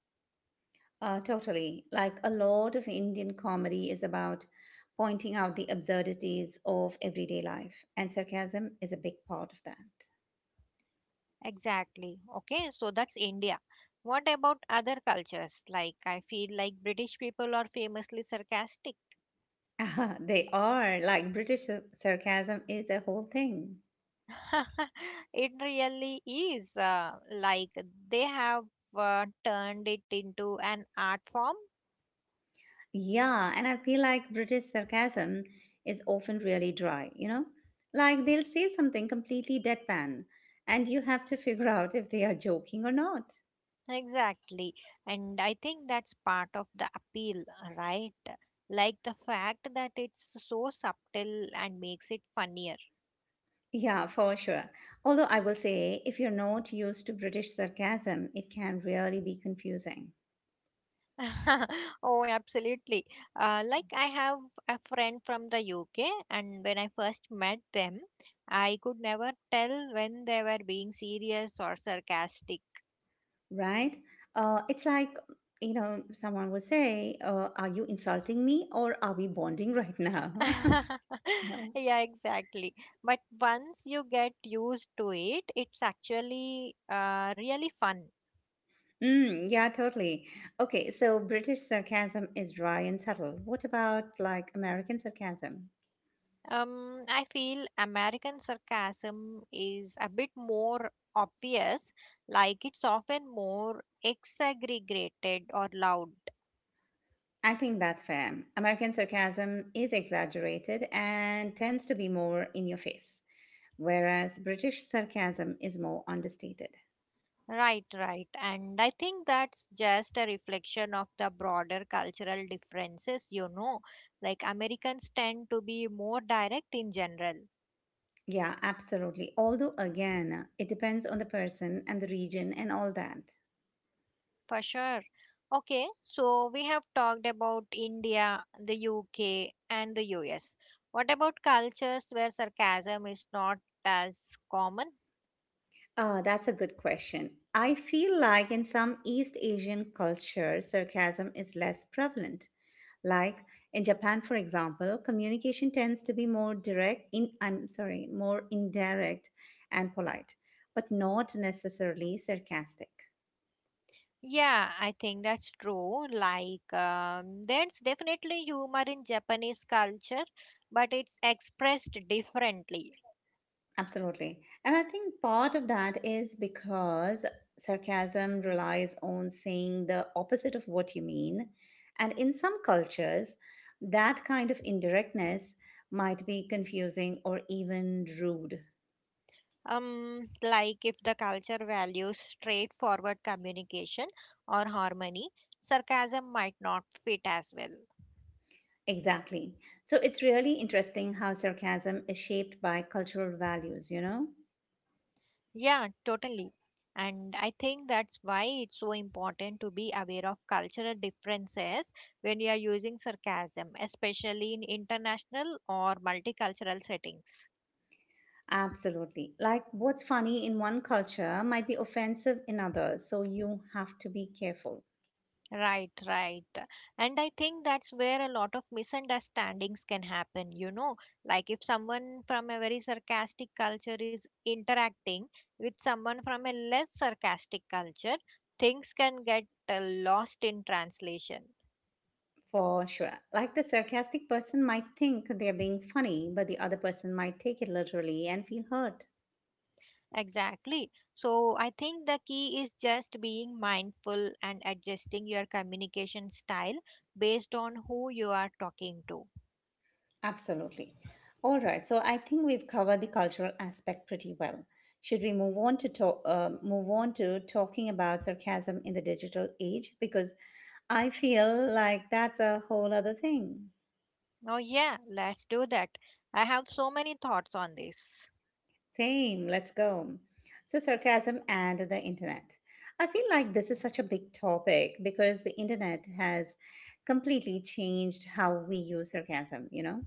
A: Totally. Like, a lot of Indian comedy is about pointing out the absurdities of everyday life, and sarcasm is a big part of that.
B: Exactly. Okay, so that's India. What about other cultures? Like, I feel like British people are famously sarcastic.
A: <laughs> They are like British sarcasm is a whole thing.
B: <laughs> It really is. Like they have turned it into an art form.
A: Yeah, and I feel like British sarcasm is often really dry, you know? Like they'll say something completely deadpan, and you have to <laughs> figure out if they are joking or not.
B: Exactly. And I think that's part of the appeal, right? Like the fact that it's so subtle and makes it funnier.
A: Yeah, for sure. Although I will say, if you're not used to British sarcasm, it can really be confusing,
B: <laughs> Oh, absolutely. Like I have a friend from the UK, and when I first met them, I could never tell when they were being serious or sarcastic.
A: right? It's like, someone would say, are you insulting me or are we bonding right now?
B: <laughs>
A: <laughs>
B: Yeah, exactly. But once you get used to it, it's actually really fun.
A: Mm, yeah, totally. Okay, so British sarcasm is dry and subtle. What about like American sarcasm?
B: I feel American sarcasm is a bit more obvious, like it's often more exaggerated or loud.
A: I think that's fair. American sarcasm is exaggerated and tends to be more in your face, whereas British sarcasm is more understated.
B: Right, right. And I think that's just a reflection of the broader cultural differences, you know. Like Americans tend to be more direct in general.
A: Yeah, absolutely. Although, again, it depends on the person and the region and all that.
B: For sure. Okay, so we have talked about India, the UK, and the US. What about cultures where sarcasm is not as common?
A: Ah, that's a good question. I feel like in some East Asian cultures, sarcasm is less prevalent. Like in Japan, for example, communication tends to be more direct in I'm sorry, more indirect and polite, but not necessarily sarcastic.
B: Yeah, I think that's true. Like, there's definitely humor in Japanese culture, but it's expressed differently.
A: Absolutely. And I think part of that is because sarcasm relies on saying the opposite of what you mean. And in some cultures, that kind of indirectness might be confusing or even rude.
B: Like, if the culture values straightforward communication or harmony, sarcasm might not fit as well.
A: Exactly. So it's really interesting how sarcasm is shaped by cultural values, you know?
B: Yeah, totally. And I think that's why it's so important to be aware of cultural differences when you are using sarcasm, especially in international or multicultural settings.
A: Absolutely. Like what's funny in one culture might be offensive in others. So you have to be careful.
B: Right, right. And I think that's where a lot of misunderstandings can happen, you know. Like if someone from a very sarcastic culture is interacting with someone from a less sarcastic culture, things can get lost in translation.
A: For sure. Like the sarcastic person might think they're being funny, but the other person might take it literally and feel hurt.
B: Exactly. So I think the key is just being mindful and adjusting your communication style based on who you are talking to.
A: Absolutely. All right. So I think we've covered the cultural aspect pretty well. Should we move on to move on to talking about sarcasm in the digital age? Because I feel like that's a whole other thing.
B: Oh, yeah, let's do that. I have so many thoughts on this.
A: Same, let's go. So, sarcasm and the internet. I feel like this is such a big topic because the internet has completely changed how we use sarcasm, you know?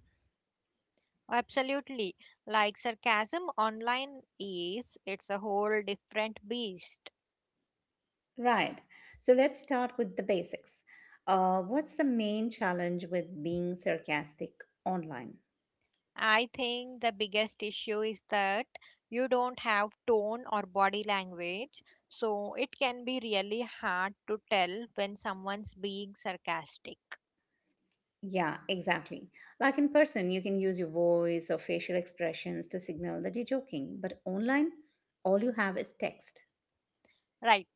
B: Absolutely. Like sarcasm online is, it's a whole different beast.
A: Right. So, let's start with the basics. What's the main challenge with being sarcastic online?
B: I think the biggest issue is that you don't have tone or body language, so it can be really hard to tell when someone's being sarcastic,
A: Yeah, exactly. Like in person, you can use your voice or facial expressions to signal that you're joking, but online, all you have is text.
B: right?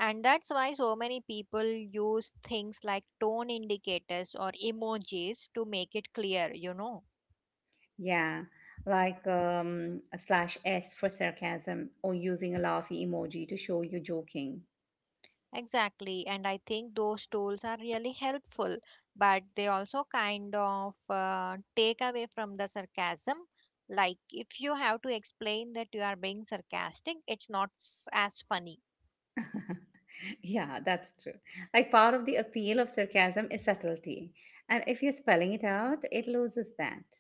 B: And that's why so many people use things like tone indicators or emojis to make it clear, you know.
A: Yeah, like a slash S for sarcasm or using a laughing emoji to show you're joking.
B: Exactly, and I think those tools are really helpful, but they also kind of take away from the sarcasm. Like, if you have to explain that you are being sarcastic, it's not as funny.
A: <laughs> Yeah, that's true. Like part of the appeal of sarcasm is subtlety. And if you're spelling it out, it loses that.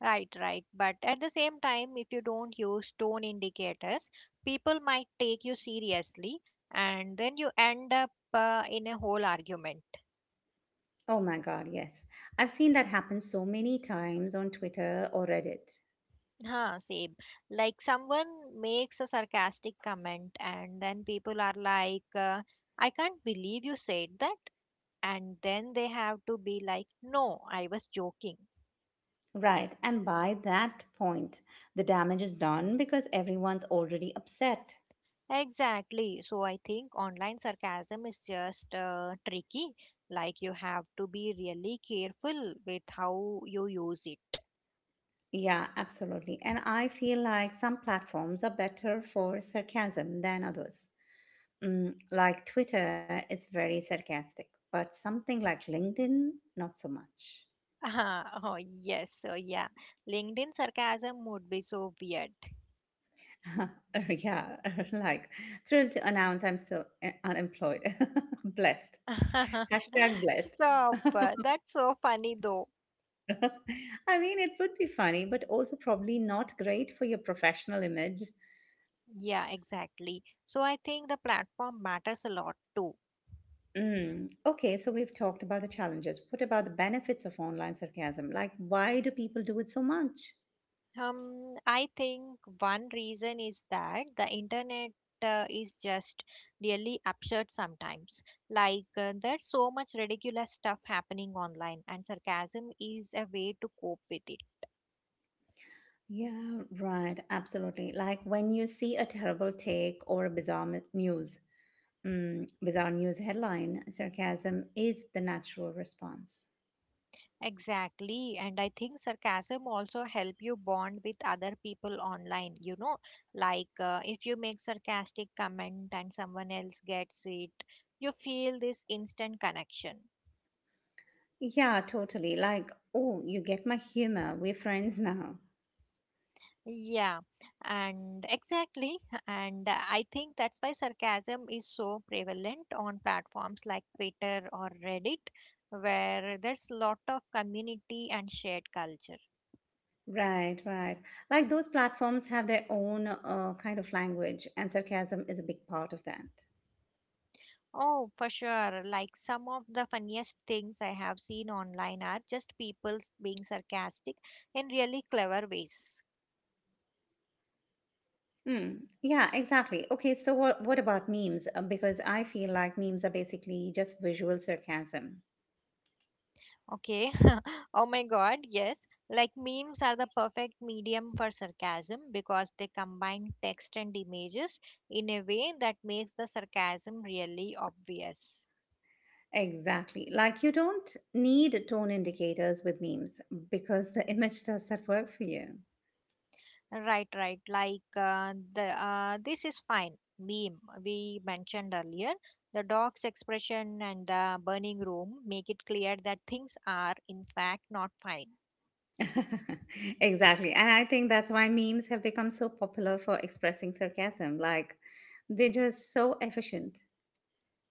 B: Right, right. But at the same time, if you don't use tone indicators, people might take you seriously, and then you end up in a whole argument.
A: Oh my God, yes. I've seen that happen so many times on Twitter or Reddit.
B: Huh, same. Like someone makes a sarcastic comment, and then people are like, I can't believe you said that. And then they have to be like, no, I was joking.
A: Right, and by that point, the damage is done because everyone's already upset.
B: Exactly. So I think online sarcasm is just tricky. Like you have to be really careful with how you use it.
A: Yeah, absolutely. And I feel like some platforms are better for sarcasm than others. Mm, like Twitter is very sarcastic, but something like LinkedIn, not so much.
B: <laughs> Oh, yes. So yeah, LinkedIn sarcasm would be so weird.
A: <laughs> Yeah, <laughs> like thrilled to announce I'm still unemployed. <laughs> Blessed.
B: <laughs>
A: Hashtag blessed.
B: Stop.
A: <laughs>
B: That's so funny though.
A: I mean, it would be funny, but also probably not great for your professional image.
B: Yeah, exactly. So I think the platform matters a lot too.
A: Mm. Okay, so we've talked about the challenges. What about the benefits of online sarcasm? Like, why do people do it so much?
B: I think one reason is that the internet is just really absurd sometimes. Like there's so much ridiculous stuff happening online, and sarcasm is a way to cope with it.
A: Yeah, right, absolutely. Like when you see a terrible take or a bizarre bizarre news headline, sarcasm is the natural response.
B: Exactly. And I think sarcasm also help you bond with other people online, you know, like if you make sarcastic comment and someone else gets it, you feel this instant connection.
A: Yeah, totally. Like, oh, you get my humor. We're friends now.
B: Yeah, and exactly. <laughs> And I think that's why sarcasm is so prevalent on platforms like Twitter or Reddit, where there's lot of community and shared culture.
A: Right, right. Like those platforms have their own kind of language, and sarcasm is a big part of that.
B: Oh, for sure. Like some of the funniest things I have seen online are just people being sarcastic in really clever ways.
A: Mm, yeah, exactly. Okay, so what about memes? Because I feel like memes are basically just visual sarcasm.
B: Okay. <laughs> Oh my God, yes. Like memes are the perfect medium for sarcasm because they combine text and images in a way that makes the sarcasm really obvious.
A: Exactly. Like you don't need tone indicators with memes because the <laughs> image does that work for you.
B: Right, right. Like the this is fine meme we mentioned earlier. The dog's expression and the burning room make it clear that things are in fact not fine.
A: <laughs> Exactly. And I think that's why memes have become so popular for expressing sarcasm. Like they're just so efficient.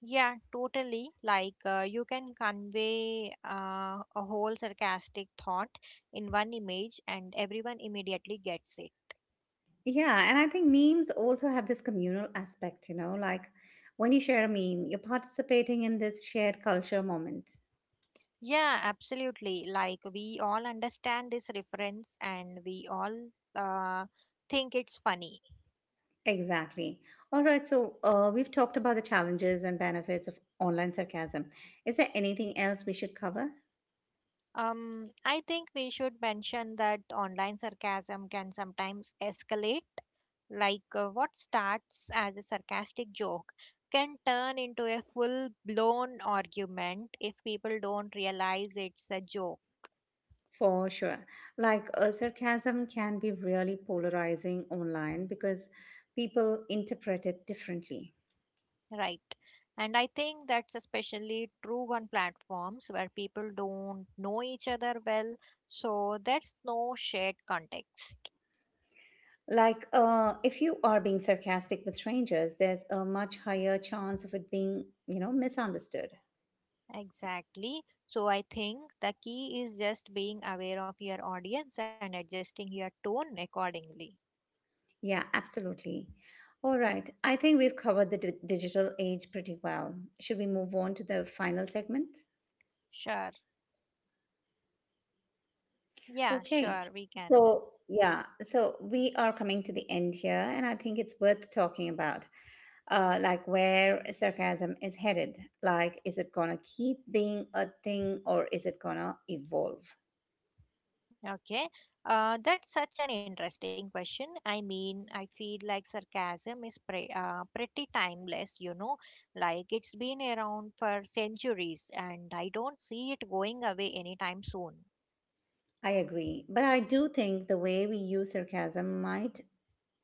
B: Yeah, totally. Like you can convey a whole sarcastic thought in one image, and everyone immediately gets it.
A: Yeah, and I think memes also have this communal aspect, you know, like when you share a meme, you're participating in this shared culture moment.
B: Yeah, absolutely. Like we all understand this reference, and we all uh, think it's funny.
A: Exactly. All right. So we've talked about the challenges and benefits of online sarcasm. Is there anything else we should cover?
B: I think we should mention that online sarcasm can sometimes escalate. Like what starts as a sarcastic joke can turn into a full blown argument if people don't realize it's a joke,
A: For sure. Like sarcasm can be really polarizing online because people interpret it differently.
B: right? And I think that's especially true on platforms where people don't know each other well, so there's no shared context.
A: Like if you are being sarcastic with strangers, there's a much higher chance of it being, you know, misunderstood.
B: Exactly. So I think the key is just being aware of your audience and adjusting your tone accordingly.
A: Yeah, absolutely. All right. I think we've covered the digital age pretty well. Should we move on to the final segment?
B: Sure. Yeah,
A: Okay.
B: sure, we can.
A: So, yeah, so we are coming to the end here, and I think it's worth talking about, like where sarcasm is headed. Like, is it gonna keep being a thing or is it gonna evolve?
B: Okay. That's such an interesting question. I mean, I feel like sarcasm is pretty timeless, you know, like it's been around for centuries and I don't see it going away anytime soon.
A: I agree. But I do think the way we use sarcasm might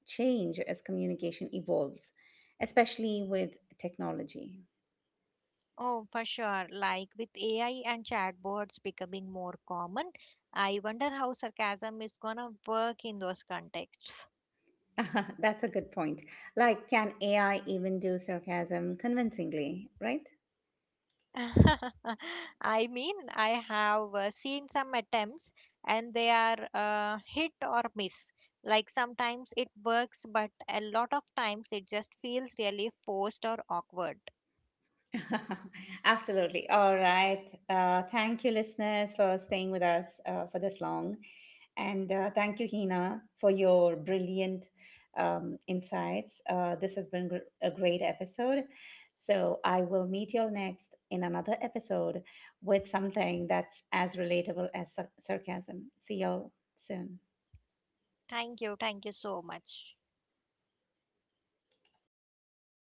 A: change as communication evolves, especially with technology.
B: Oh, for sure. Like with AI and chatbots becoming more common, I wonder how sarcasm is gonna work in those contexts.
A: <laughs> That's a good point. Like, can AI even do sarcasm convincingly, right?
B: <laughs> I mean, I have seen some attempts and they are hit or miss. Like sometimes it works, but a lot of times it just feels really forced or awkward.
A: <laughs> Absolutely. All right. Thank you, listeners, for staying with us for this long. And thank you, Hina, for your brilliant insights. This has been a great episode. So I will meet you all next in another episode with something that's as relatable as sarcasm. See y'all soon.
B: Thank you. Thank you so much.